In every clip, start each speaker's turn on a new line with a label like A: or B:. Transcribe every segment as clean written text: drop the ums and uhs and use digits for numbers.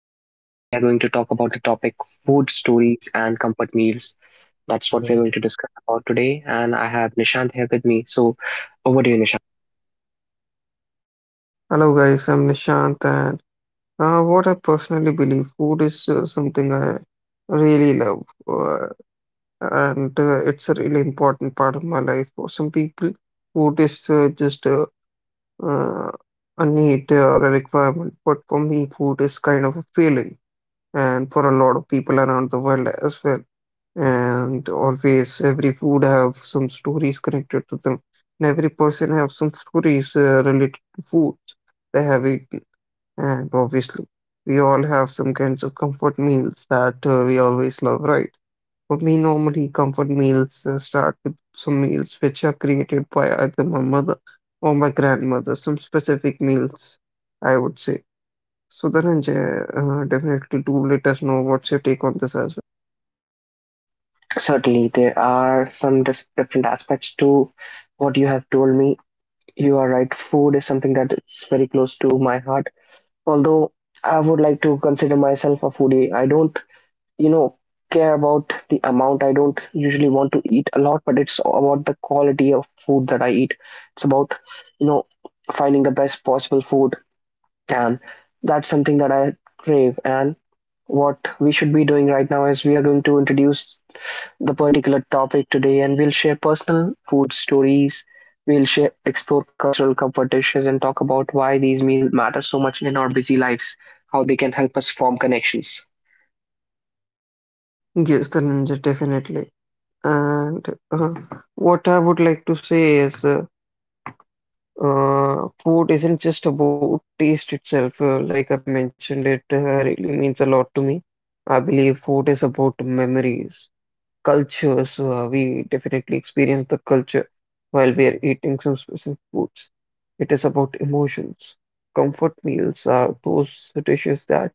A: and today we are going to talk about the topic food stories and comfort meals. That's what we're going to discuss about today. And I have Nishant here with me. So, over to you, Nishant.
B: Hello, guys. I'm Nishant, and what I personally believe, food is something I really love, and it's a really important part of my life. For some people, food is just uh, a need or a requirement, but for me, food is kind of a feeling, and for a lot of people around the world as well. And always, every food have some stories connected to them, and every person have some stories related to food they have it and obviously, we all have some kinds of comfort meals that we always love, right? For me, normally, comfort meals start with some meals which are created by either my mother or my grandmother, some specific meals, I would say. So, Dhananjay, definitely do let us know what's your take on this as
A: Certainly, there are some different aspects to what you have told me. You are right. Food is something that is very close to my heart. Although I would like to consider myself a foodie, I don't you know care about the amount. I don't usually want to eat a lot, but it's about the quality of food that I eat. It's about you know finding the best possible food, and that's something that I crave. And what we should be doing right now is we are going to introduce the particular topic today, and we'll share personal food stories, we'll share explore cultural comfort dishes and talk about why these meals matter so much in our busy lives, how they can help us form connections.
B: well. Yes, Dhananjay, definitely. And what I would like to say is food isn't just about taste itself. Like I mentioned, it really means a lot to me. I believe food is about memories, cultures. We definitely experience the culture while we are eating some specific foods. It is about emotions. Comfort meals are those dishes that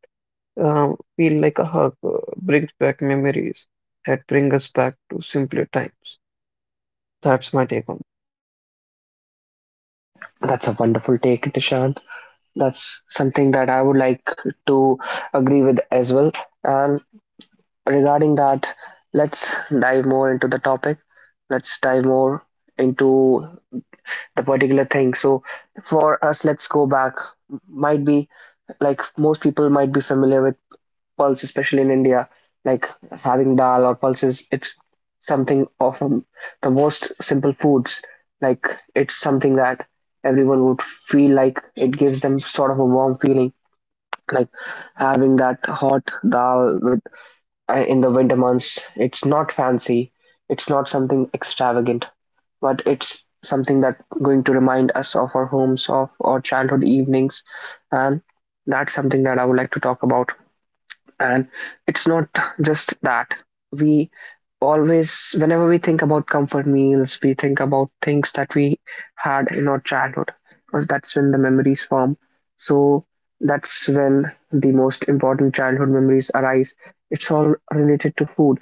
B: feel like a hug, brings back memories that bring us back to simpler times. That's my take on.
A: That's a wonderful take, Dishan. That's something that I would like to agree with as well. And regarding that, let's dive more into the topic. Let's dive more into the particular thing. So, for us, let's go back. Might be like most people might be familiar with pulse, especially in India. Like having dal or pulses, it's something of the most simple foods. Like it's something that everyone would feel like it gives them sort of a warm feeling, like having that hot dal with in the winter months. It's not fancy, it's not something extravagant, but it's something that going to remind us of our homes, of our childhood evenings. And that's something that I would like to talk about. And it's not just that. We always, whenever we think about comfort meals, we think about things that we had in our childhood, because that's when the memories form. So that's when the most important childhood memories arise. It's all related to food.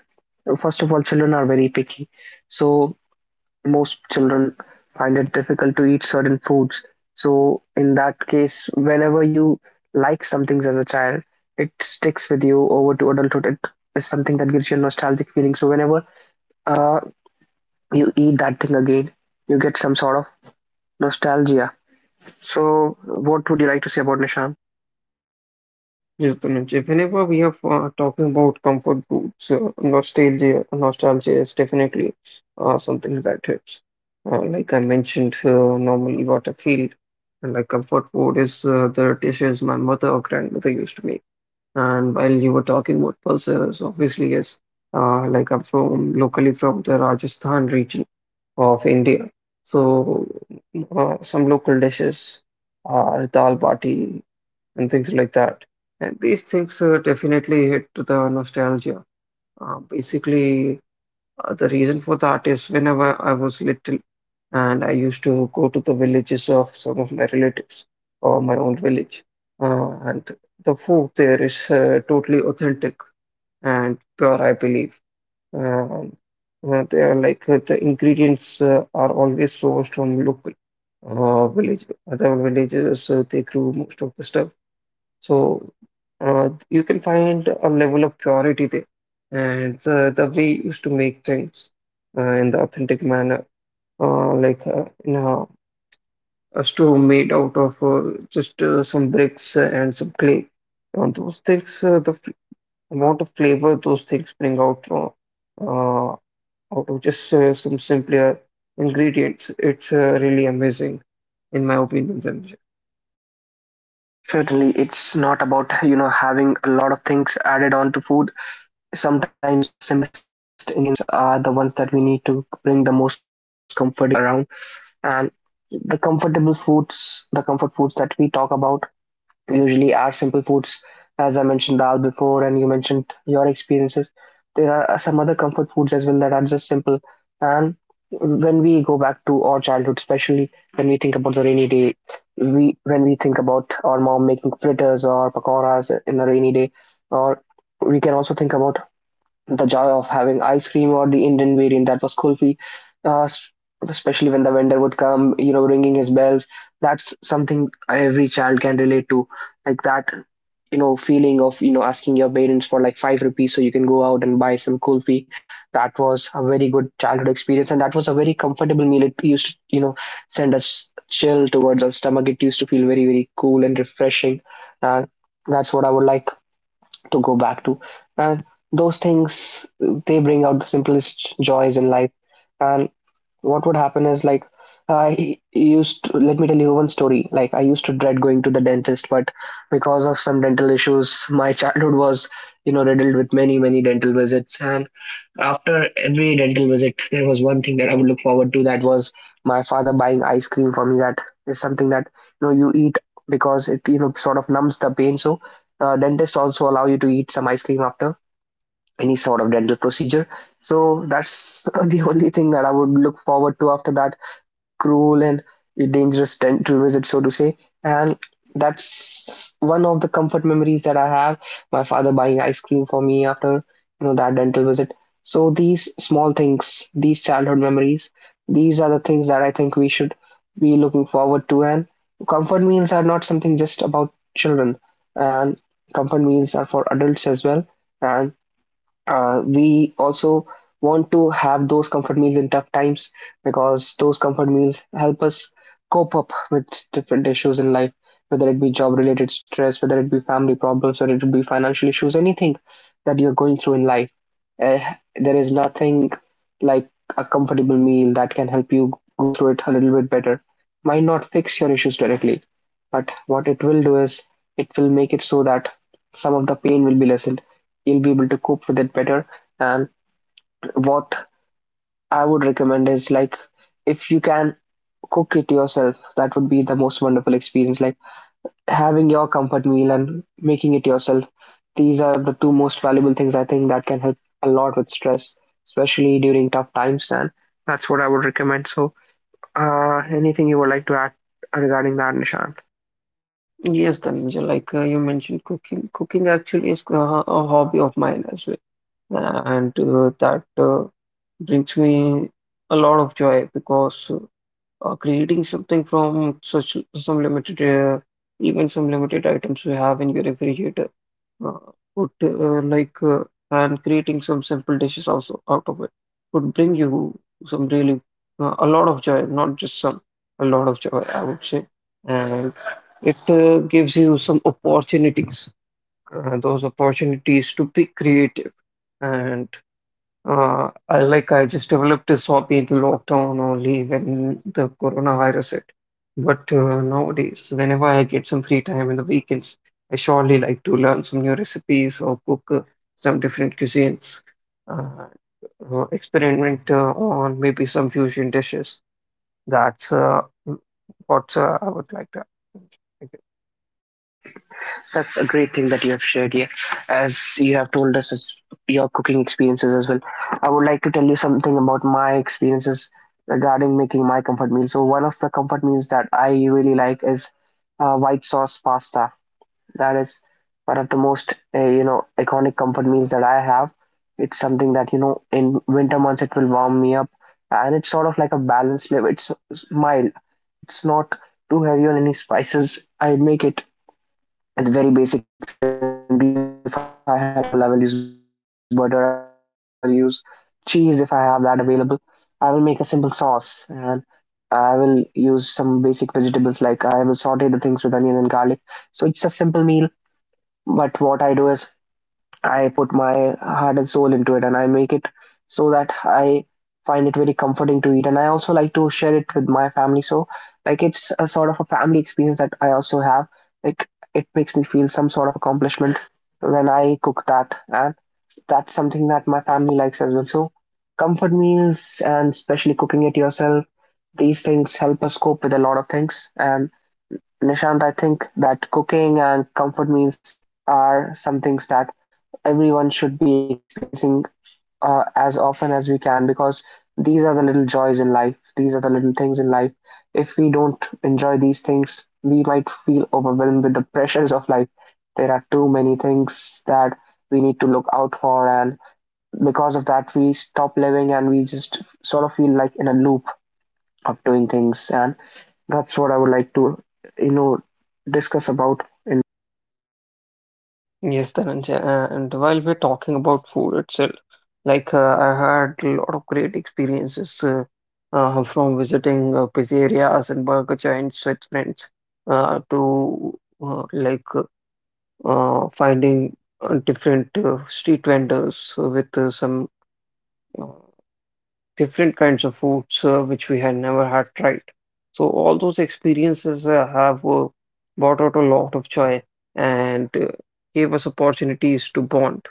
A: First of all, children are very picky. So most children find it difficult to eat certain foods. So, in that case, whenever you like some things as a child, it sticks with you over to adulthood. It is something that gives you a nostalgic feeling. So, whenever uh, you eat that thing again, you get some sort of nostalgia. So, what would you like to say about Nishan?
B: Yes, Tanuj. If Whenever we are talking about comfort foods, nostalgia is definitely something that hits. Like I mentioned, normally what I feel and like comfort food is the dishes my mother or grandmother used to make. And while you were talking about pulses, obviously yes, like I'm from locally from the Rajasthan region of India. So some local dishes are dal bati, and things like that. And these things definitely hit to the nostalgia. Uh, basically, the reason for that is whenever I was little and I used to go to the villages of some of my relatives or my own village, and the food there is totally authentic and pure, I believe. Um, they are like the ingredients are always sourced from local village, other villages, they grew most of the stuff so you can find a level of purity there, and the way you used to make things in the authentic manner, you know, a stove made out of just some bricks and some clay. Those things, the f amount of flavor those things bring out from uh, out of just some simpler ingredients, it's really amazing in my opinion. Sanjay.
A: Certainly, it's not about having a lot of things added on to food. Sometimes the simplest ingredients are the ones that we need to bring the most comforting feels around. And the comfort foods that we talk about usually are simple foods. As I mentioned dal before and you mentioned your experiences, there are some other comfort foods as well that are just simple. And when we go back to our childhood, especially when we think about the rainy day, we when we think about our mom making fritters or pakoras in a rainy day, or we can also think about the joy of having ice cream or the Indian variant that was kulfi, uh, s- especially when the vendor would come, ringing his bells. That's something every child can relate to, like that, feeling of asking your parents for like 5 rupees so you can go out and buy some kulfi. That was a very good childhood experience, and that was a very comfortable meal. It used to, send us chill towards our stomach. It used to feel very, very cool and refreshing. Uh, that's what I would like to go back to. And those things, they bring out the simplest joys in life. And what would happen is like, let me tell you one story. Like, I used to dread going to the dentist, but because of some dental issues, my childhood was, riddled with many, many dental visits. And after every dental visit, there was one thing that I would look forward to. That was my father buying ice cream for me. That is something that you eat because it sort of numbs the pain. So dentists also allow you to eat some ice cream after any sort of dental procedure. So that's the only thing that I would look forward to after that cruel and dangerous tend to visit, so to say. And that's one of the comfort memories that I have. My father buying ice cream for me after that dental visit. So these small things, these childhood memories, these are the things that I think we should be looking forward to. And comfort meals are not something just about children, and comfort meals are for adults as well. And we also want to have those comfort meals in tough times, because those comfort meals help us cope up with different issues in life, whether it be job related stress, whether it be family problems, whether it be financial issues, anything that you're going through in life. Uh, there is nothing like a comfortable meal that can help you go through it a little bit better. Might not fix your issues directly, but what it will do is it will make it so that some of the pain will be lessened, you'll be able to cope with it better. And what I would recommend is like, if you can cook it yourself, that would be the most wonderful experience. Like having your comfort meal and making it yourself. These are the two most valuable things I think that can help a lot with stress, especially during tough times. And that's what I would recommend. So, anything you would like to add regarding that, Nishan?
B: Yes, Dhananjay, like you mentioned, cooking. Cooking actually is a hobby of mine as well. And That brings me a lot of joy because creating something from such some limited, even some limited items you have in your refrigerator uh, would like and creating some simple dishes also out of it would bring you some really a lot of joy, not just some, a lot of joy, I would say. And it gives you some opportunities, those opportunities to be creative and I just developed this hobby in the lockdown only when the coronavirus hit. But nowadays, whenever I get some free time in the weekends, I surely like to learn some new recipes or cook some different cuisines, uh, experiment on maybe some fusion dishes. That's what I would like to.
A: That's a great thing that you have shared here, as you have told us as your cooking experiences as well. I would like to tell you something about my experiences regarding making my comfort meal. So one of the comfort meals that I really like is white sauce pasta. That is one of the most iconic comfort meals that I have. It's something that in winter months it will warm me up, and it's sort of like a balanced flavor. It's mild. It's not too heavy on any spices. I make it with very basic simple ingredients. If I have butter available, I will use butter. I will use milk. I will use cheese if I have that available. I will make a simple sauce, and I will use some basic vegetables. Like I will saute the things with onion and garlic. So it's a simple meal. But what I do is I put my heart and soul into it, and I make it so that I find it very comforting to eat. And I also like to share it with my family. So, like, it's a sort of a family experience that I also have. Like, it makes me feel some sort of accomplishment when I cook that. And that's something that my family likes as well. So, comfort meals and especially cooking it yourself, these things help us cope with a lot of things. And Nishant, I think that cooking and comfort meals are some things that everyone should be experiencing as often as we can, because these are the little joys in life. These are the little things in life. If we don't enjoy these things, we might feel overwhelmed with the pressures of life. There are too many things that we need to look out for, and because of that, we stop living and we just sort of feel like in a loop of doing things. And that's what I would like to, you know, discuss about in.
B: Yes, Dhananjay, and while we're talking about food itself, like I had a lot of great experiences from visiting pizzerias and burger joints with friends to uh, like uh, finding different street vendors with some uh, different kinds of foods which we had never had tried. So all those experiences have brought out a lot of joy and gave us opportunities to bond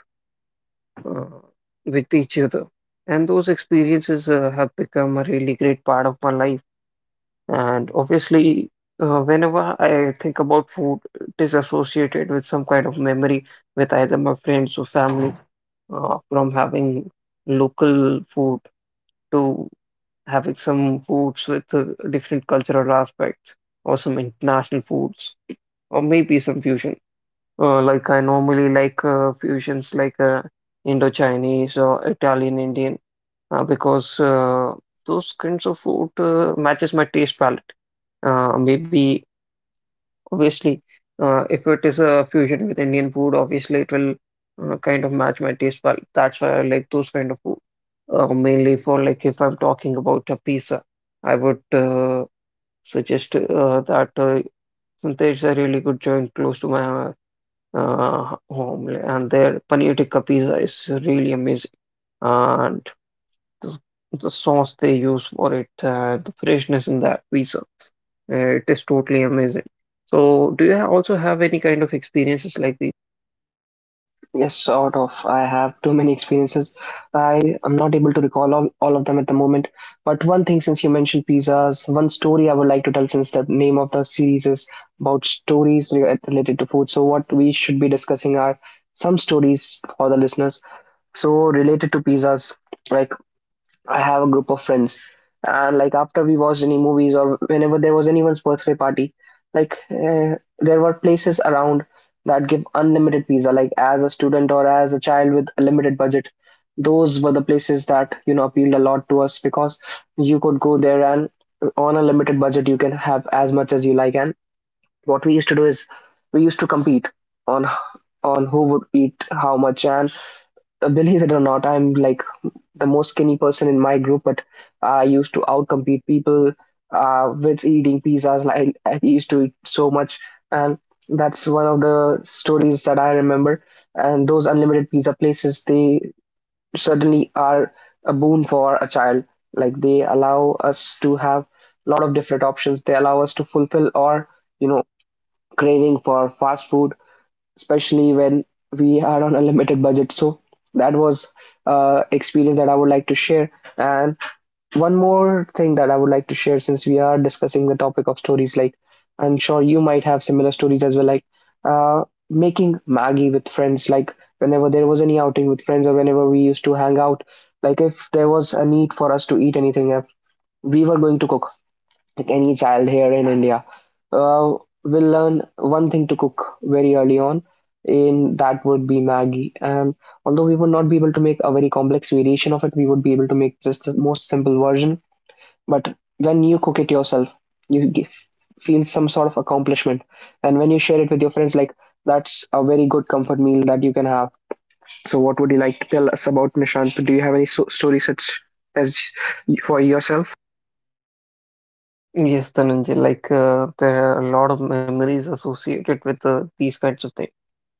B: uh, with each other. And those experiences have become a really great part of my life. And obviously, whenever I think about food, it is associated with some kind of memory with either my friends or family, from having local food to having some foods with different cultural aspects or some international foods or maybe some fusion. Like I normally like fusions like Indo-Chinese or Italian Indian because those kinds of food matches my taste palette. Maybe obviously if it is a fusion with Indian food, obviously it will kind of match my taste palette. That's why I like those kind of food. Mainly for like if I'm talking about a pizza, I would suggest that there's a really good joint close to my home, yeah, and their paneer tikka pizza is really amazing. And the, the sauce they use for it, the freshness in that pizza, it is totally amazing. So, do you also have any kind of experiences like the.
A: Yes, sort of. I have too many experiences. I am not able to recall all of them at the moment. But one thing, since you mentioned pizzas, one story I would like to tell, since the name of the series is about stories related to food. So, what we should be discussing are some stories for the listeners. So, related to pizzas, like I have a group of friends, and like after we watched any movies or whenever there was anyone's birthday party, like there were places around that give unlimited pizza. Like as a student or as a child with a limited budget, those were the places that appealed a lot to us, because you could go there and on a limited budget you can have as much as you like. And what we used to do is we used to compete on who would eat how much. And believe it or not, I'm like the most skinny person in my group, but I used to outcompete people with eating pizzas. Like I used to eat so much, and that's one of the stories that I remember. And those unlimited pizza places, they certainly are a boon for a child. Like they allow us to have a lot of different options. They allow us to fulfill our, you know, craving for fast food, especially when we are on a limited budget. So that was experience that I would like to share. And one more thing that I would like to share, since we are discussing the topic of stories, like I'm sure you might have similar stories as well, like uh, making Maggie with friends. Like whenever there was any outing with friends or whenever we used to hang out, like if there was a need for us to eat anything, if we were going to cook, like any child here in India, uh, will learn one thing to cook very early on, and that would be Maggie. And although we would not be able to make a very complex variation of it, we would be able to make just the most simple version. But when you cook it yourself, you give, feel some sort of accomplishment. And when you share it with your friends, like that's a very good comfort meal that you can have. So, what would you like to tell us about, Nishant? Do you have any story such as for yourself?
B: Yes, Dhananjay, like there are a lot of memories associated with these kinds of things.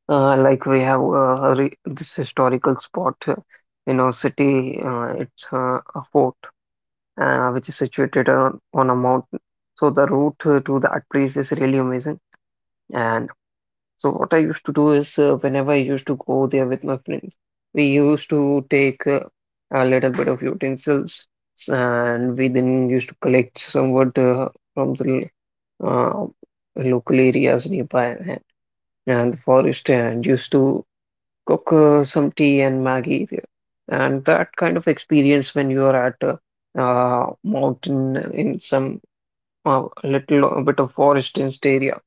B: Like we have a re this historical spot in our city, it's a fort which is situated on a mountain. So the route to that place is really amazing. And so what I used to do is whenever I used to go there with my friends, we used to take a little bit of utensils and we then used to collect some wood from the uh, local areas nearby and the forest and used to cook some tea and Maggie there. And that kind of experience when you are at a mountain in some little bit of forest area,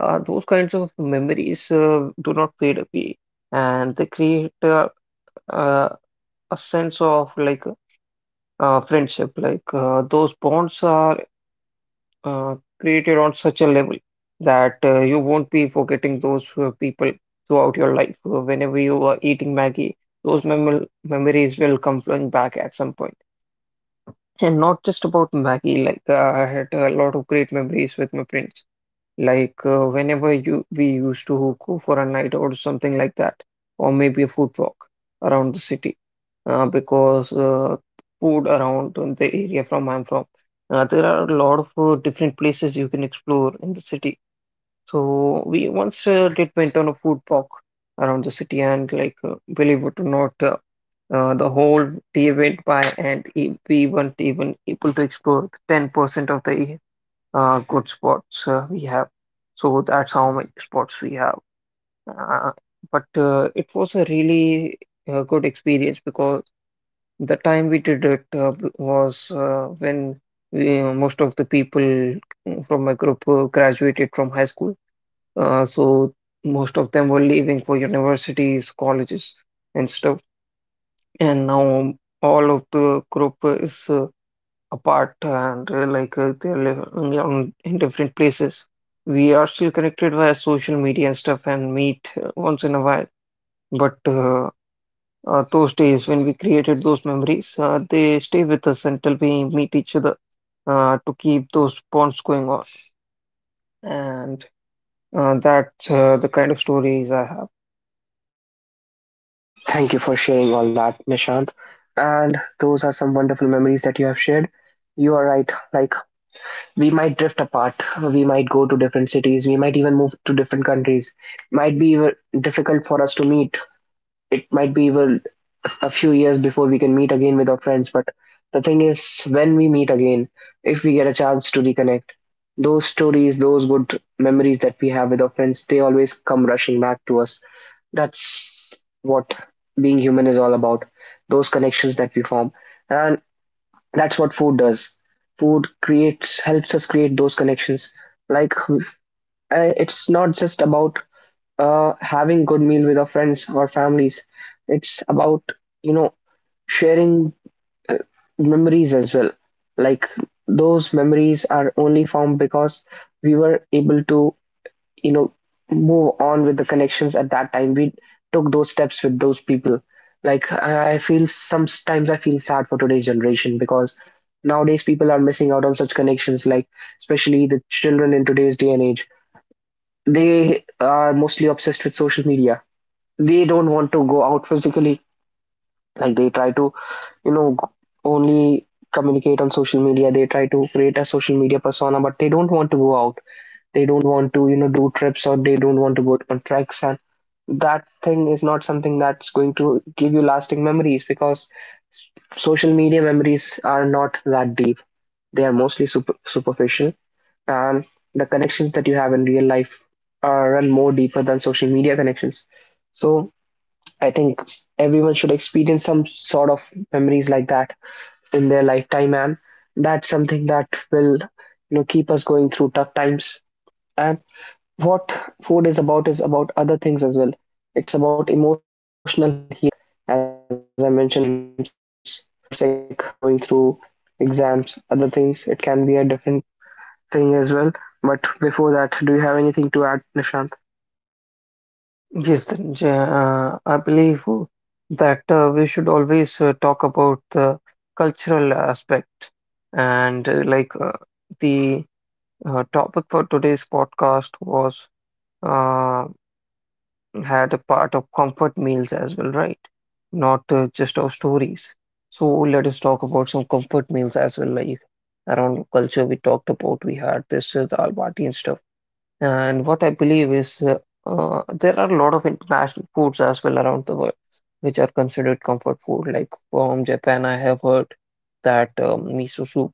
B: those kinds of memories do not fade away, and they create uh, a sense of like friendship. Like those bonds are created on such a level that you won't be forgetting those people throughout your life. Whenever you are eating Maggie, those memories will come flowing back at some point. And not just about Maggie, like I had a lot of great memories with my friends like whenever you we used to go for a night or something like that, or maybe a food walk around the city, because food around the area from I'm from, there are a lot of different places you can explore in the city. So we once did went on a food walk around the city, and like believe it or not, the whole day went by, and we weren't even able to explore 10% of the good spots we have. So that's how many spots we have. Uh, but it was a really good experience because the time we did it was when most of the people from my group graduated from high school. So most of them were leaving for universities, colleges, and stuff. And now all of the group is apart and they're living on, in different places. We are still connected via social media and stuff and meet once in a while. But those days when we created those memories, they stay with us until we meet each other to keep those bonds going on. And that's the kind of stories I have.
A: Thank you for sharing all that, Nishant. And those are some wonderful memories that you have shared. You are right. Like, we might drift apart. We might go to different cities. We might even move to different countries. Might be even difficult for us to meet. It might be even a few years before we can meet again with our friends. But the thing is, when we meet again, if we get a chance to reconnect, those stories, those good memories that we have with our friends, they always come rushing back to us. That's what being human is all about. Those connections that we form. And that's what food does. Food creates helps us create those connections. Like it's not just about having good meal with our friends or families. It's about, you know, sharing memories as well. Like those memories are only formed because we were able to you know move on with the connections. At that time we took those steps with those people. Like I feel, sometimes I feel sad for today's generation, because nowadays people are missing out on such connections. Like especially the children in today's day and age, they are mostly obsessed with social media. They don't want to go out physically. Like they try to you know g- only communicate on social media. They try to create a social media persona, but they don't want to go out. They don't want to do trips, or they don't want to go on treks. And that thing is not something that's going to give you lasting memories, because s- social media memories are not that deep. They are mostly superficial. And the connections that you have in real life are run more deeper than social media connections. So I think everyone should experience some sort of memories like that in their lifetime, and that's something that will, keep us going through tough times. And what food is about other things as well. It's about emotional healing, as I mentioned, like in tough times when you are sick, when you're going through exams, other things. It can be a different thing as well. But before that, do you have anything to add, Nishant?
B: Yes, Dhananjay, I believe that we should always talk about the cultural aspect. And like the topic for today's podcast was uh, had a part of comfort meals as well, right? Not just our stories. So let us talk about some comfort meals as well, like around culture we talked about. We had this the Almaty and stuff. And what I believe is there are a lot of international foods as well around the world, which are considered comfort food. Like from Japan, I have heard that miso soup.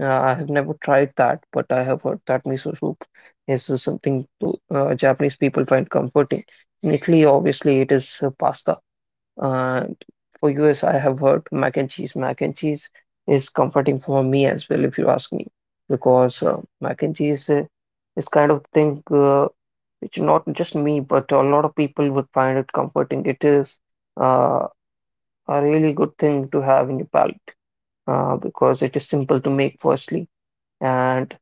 B: I have never tried that, but I have heard that miso soup is something Japanese people find comforting. In Italy, obviously, it is pasta. And for US, I have heard mac and cheese. Mac and cheese is comforting for me as well, if you ask me, because mac and cheese is kind of thing which not just me, but a lot of people would find it comforting. It is uh, a really good thing to have in your palate because it is simple to make, firstly, and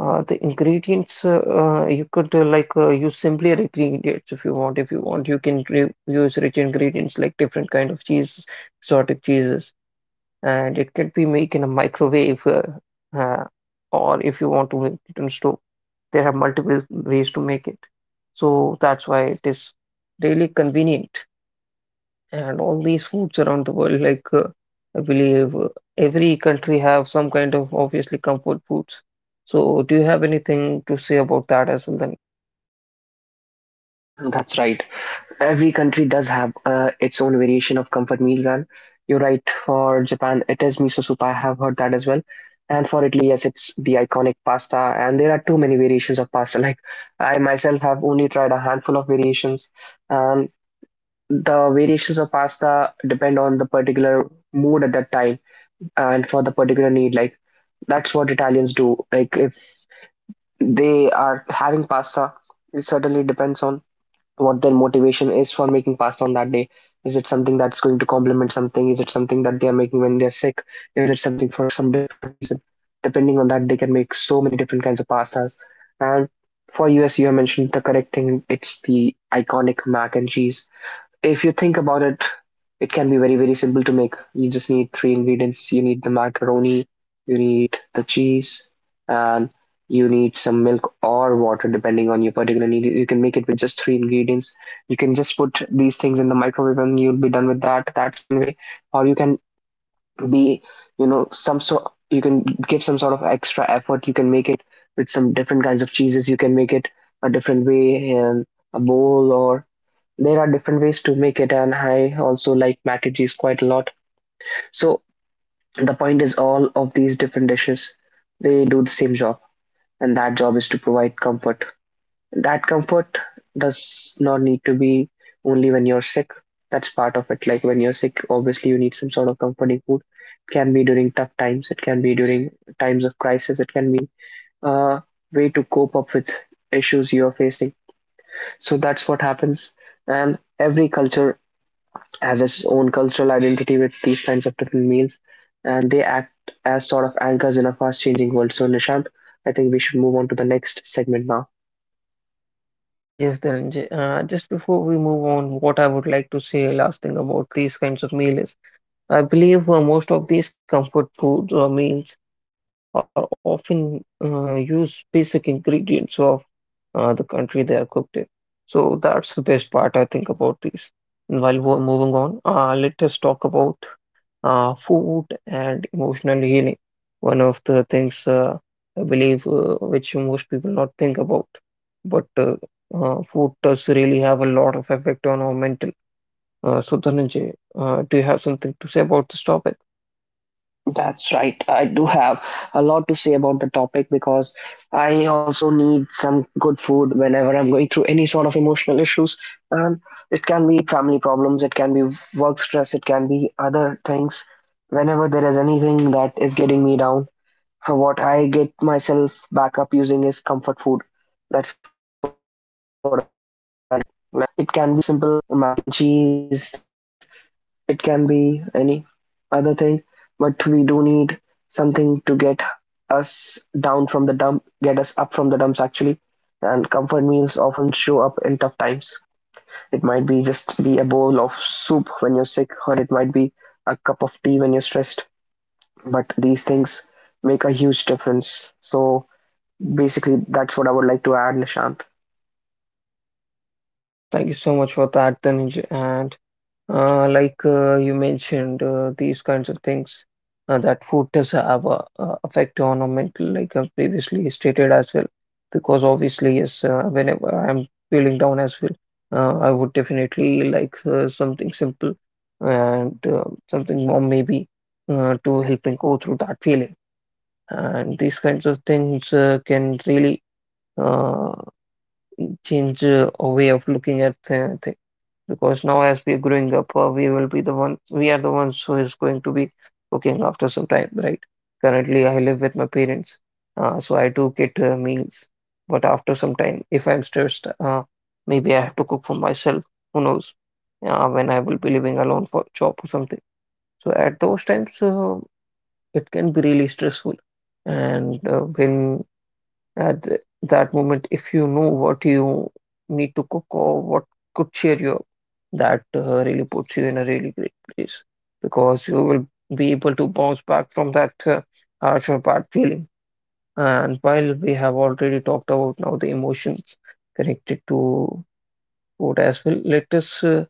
B: the ingredients you could use simpler ingredients if you want. If you want, you can re use rich ingredients like different kind of cheese, exotic cheeses, and it can be made in a microwave. Uh, or if you want to make it on stove, there are multiple ways to make it. So that's why it is really convenient and all these foods around the world. I believe every country have some kind of obviously comfort foods. So do you have anything to say about that as well then?
A: That's right. Every country does have its own variation of comfort meals, and you're right. For Japan, it is miso soup. I have heard that as well. And for Italy, yes, it's the iconic pasta. And there are too many variations of pasta. Like I myself have only tried a handful of variations. And the variations of pasta depend on the particular mood at that time and for the particular need. Like that's what Italians do. Like if they are having pasta, it certainly depends on what their motivation is for making pasta on that day. Is it something that's going to complement something? Is it something that they are making when they're sick? Is it something for some different reason? Depending on that, they can make so many different kinds of pastas. And for US, you have mentioned the correct thing. It's the iconic mac and cheese. If you think about it, it can be very, very simple to make. You just need three ingredients. You need the macaroni, you need the cheese, and you need some milk or water, depending on your particular need. You can make it with just three ingredients. You can just put these things in the microwave and you'll be done with that. That's one way. Or you can be, you know, some sort, you can give some sort of extra effort. You can make it with some different kinds of cheeses. You can make it a different way in a bowl, or there are different ways to make it, and I also like mac and cheese quite a lot. So the point is, all of these different dishes, they do the same job, and that job is to provide comfort. That comfort does not need to be only when you're sick. That's part of it. Like when you're sick, obviously you need some sort of comforting food. It can be during tough times. It can be during times of crisis. It can be a way to cope up with issues you're facing. So that's what happens, and every culture has its own cultural identity with these kinds of different meals, and they act as sort of anchors in a fast-changing world. So, Nishant, I think we should move on to the next segment now.
B: Yes, just before we move on, what I would like to say last thing about these kinds of meal is I believe most of these comfort foods or meals are often use basic ingredients of the country they are cooked in. So that's the best part I think about these. And while we're moving on, let us talk about food and emotional healing. One of the things I believe which most people not think about, but food does really have a lot of effect on our mental. So Dhananjay, do you have something to say about this topic?
A: That's right. I do have a lot to say about the topic, because I also need some good food whenever I'm going through any sort of emotional issues. And it can be family problems, it can be work stress, it can be other things. Whenever there is anything that is getting me down, what I get myself back up using is comfort food. That's what I do. Like it can be a simple mac and cheese that I mentioned. It can be any other thing, but we do need something to get us down from the dump, get us up from the dumps actually. And comfort meals often show up in tough times. It might be just be a bowl of soup when you're sick, or it might be a cup of tea when you're stressed. But these things make a huge difference. So basically that's what I would like to add, Nishant.
B: Thank you so much for that, Dhananjay, and you mentioned, these kinds of things that food does have a effect on our mental, like I've previously stated as well. Because obviously, yes, whenever I'm feeling down as well, I would definitely like something simple and something more maybe to help me go through that feeling. And these kinds of things can really uh, change a way of looking at th because now as we're growing up, we are the ones who is going to be cooking after some time, right? Currently, I live with my parents, so I do get meals, but after some time, if I'm stressed, maybe I have to cook for myself. Who knows? When I will be living alone for job or something. So at those times, it can be really stressful, and when that moment if you know what you need to cook or what could cheer you up that really puts you in a really great place because you will be able to bounce back from that harsh or bad feeling. And while we have already talked about now the emotions connected to food as well, let us uh,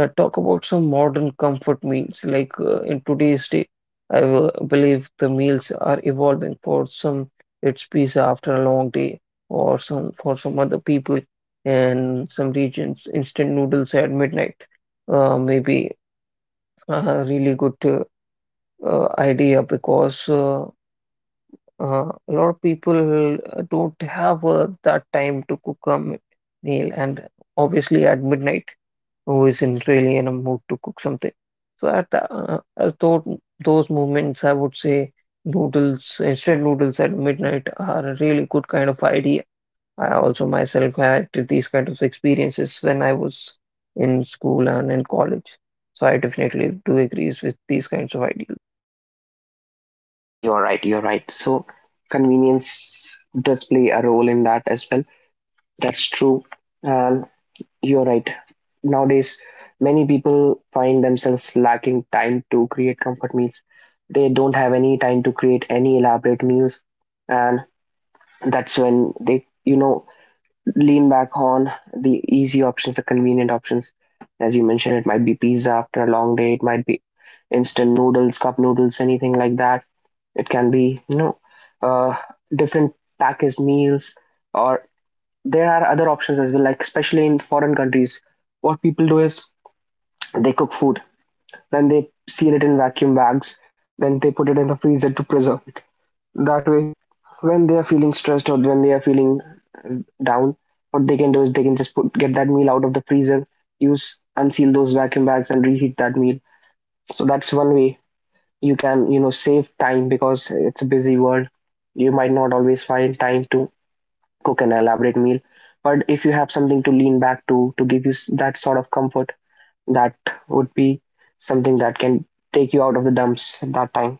B: uh, talk about some modern comfort meals. In today's day, I believe the meals are evolving. For some, it's pizza after a long day, or some for some other people in some regions, instant noodles at midnight. Maybe a really good idea because a lot of people don't have that time to cook a meal, and obviously at midnight who isn't really in a mood to cook something. So at the, as though those movements, I would say noodles, instant noodles at midnight are a really good kind of idea. I also myself had these kind of experiences when I was in school and in college. So I definitely do agree with these kinds of ideas.
A: You're right, you're right. So convenience does play a role in that as well. That's true. And you're right. Nowadays, many people find themselves lacking time to create comfort meals. They don't have any time to create any elaborate meals, and that's when they, you know, lean back on the easy options, the convenient options. As you mentioned, it might be pizza after a long day, it might be instant noodles, cup noodles, anything like that. It can be, uh, different packaged meals, or there are other options as well, like especially in foreign countries. What people do is they cook food, then they seal it in vacuum bags, then they put it in the freezer to preserve it. That way, when they are feeling stressed or when they are feeling uh, down, what they can do is they can just put get that meal out of the freezer, use unseal those vacuum bags and reheat that meal. So that's one way you can, save time, because it's a busy world. You might not always find time to cook an elaborate meal, but if you have something to lean back to give you that sort of comfort, that would be something that can take you out of the dumps at that time.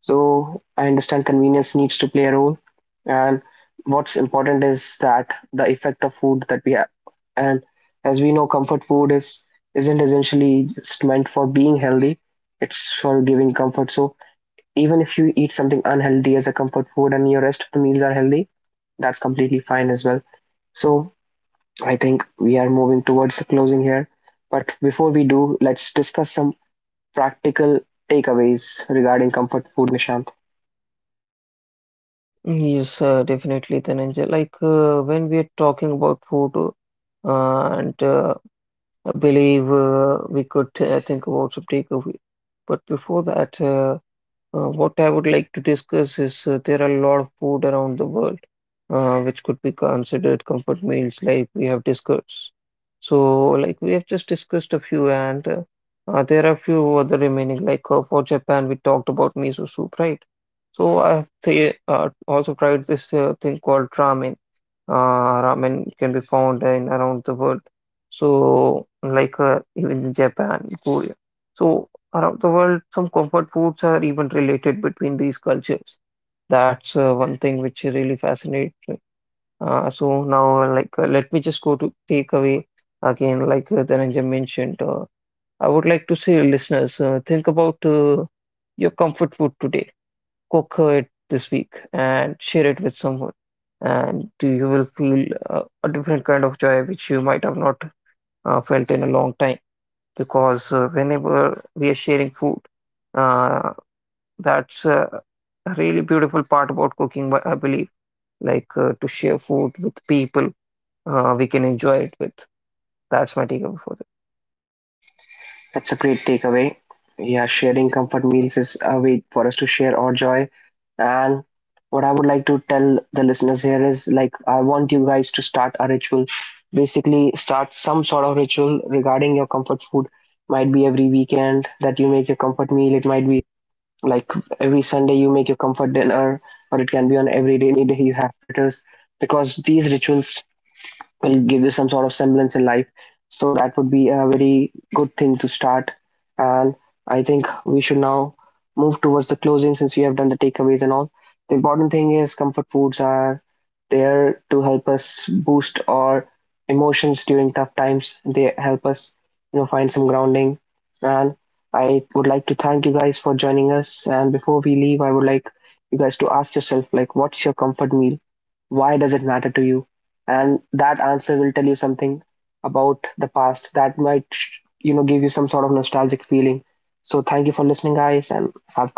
A: So I understand convenience needs to play a role. And what's important is that the effect of food that we have. And as we know, comfort food is isn't essentially just meant for being healthy. It's for giving comfort. So even if you eat something unhealthy as a comfort food and your rest of the meals are healthy, that's completely fine as well. So I think we are moving towards the closing here. But before we do, let's discuss some practical takeaways regarding comfort food, Nishant.
B: Yes, definitely, Dhananjay. When we are talking about food and I believe we could think about some takeaway. But before that, what I would like to discuss is there are a lot of food around the world which could be considered comfort meals, like we have discussed. So, like we have just discussed a few, and there are a few other remaining, for Japan, we talked about miso soup, right? So, I have th also tried this thing called ramen. Ramen can be found in around the world. So, even in Japan, Korea. So, around the world, some comfort foods are even related between these cultures. That's one thing which really fascinates me. So now, let me just go to takeaway again. Dhananjay mentioned, I would like to say, listeners, think about your comfort food today, cook it this week and share it with someone, and you will feel a different kind of joy which you might have not felt in a long time. Because whenever we are sharing food, uh, that's a really beautiful part about cooking, but I believe, to share food with people we can enjoy it with. That's my takeaway for
A: That's a great takeaway. Yeah, sharing comfort meals is a way for us to share our joy. And what I would like to tell the listeners here is like, I want you guys to start a ritual. Basically, start some sort of ritual regarding your comfort food. Might be every weekend that you make your comfort meal. It might be like every Sunday you make your comfort dinner, or it can be on every day you have fritters. Because these rituals will give you some sort of semblance in life. So that would be a very good thing to start. And I think we should now move towards the closing, since we have done the takeaways and all. The important thing is comfort foods are there to help us boost our emotions during tough times. They help us, you know, find some grounding. And I would like to thank you guys for joining us. And before we leave, I would like you guys to ask yourself, like, what's your comfort meal? Why does it matter to you? And that answer will tell you something about the past that might, give you some sort of nostalgic feeling. So thank you for listening, guys, and have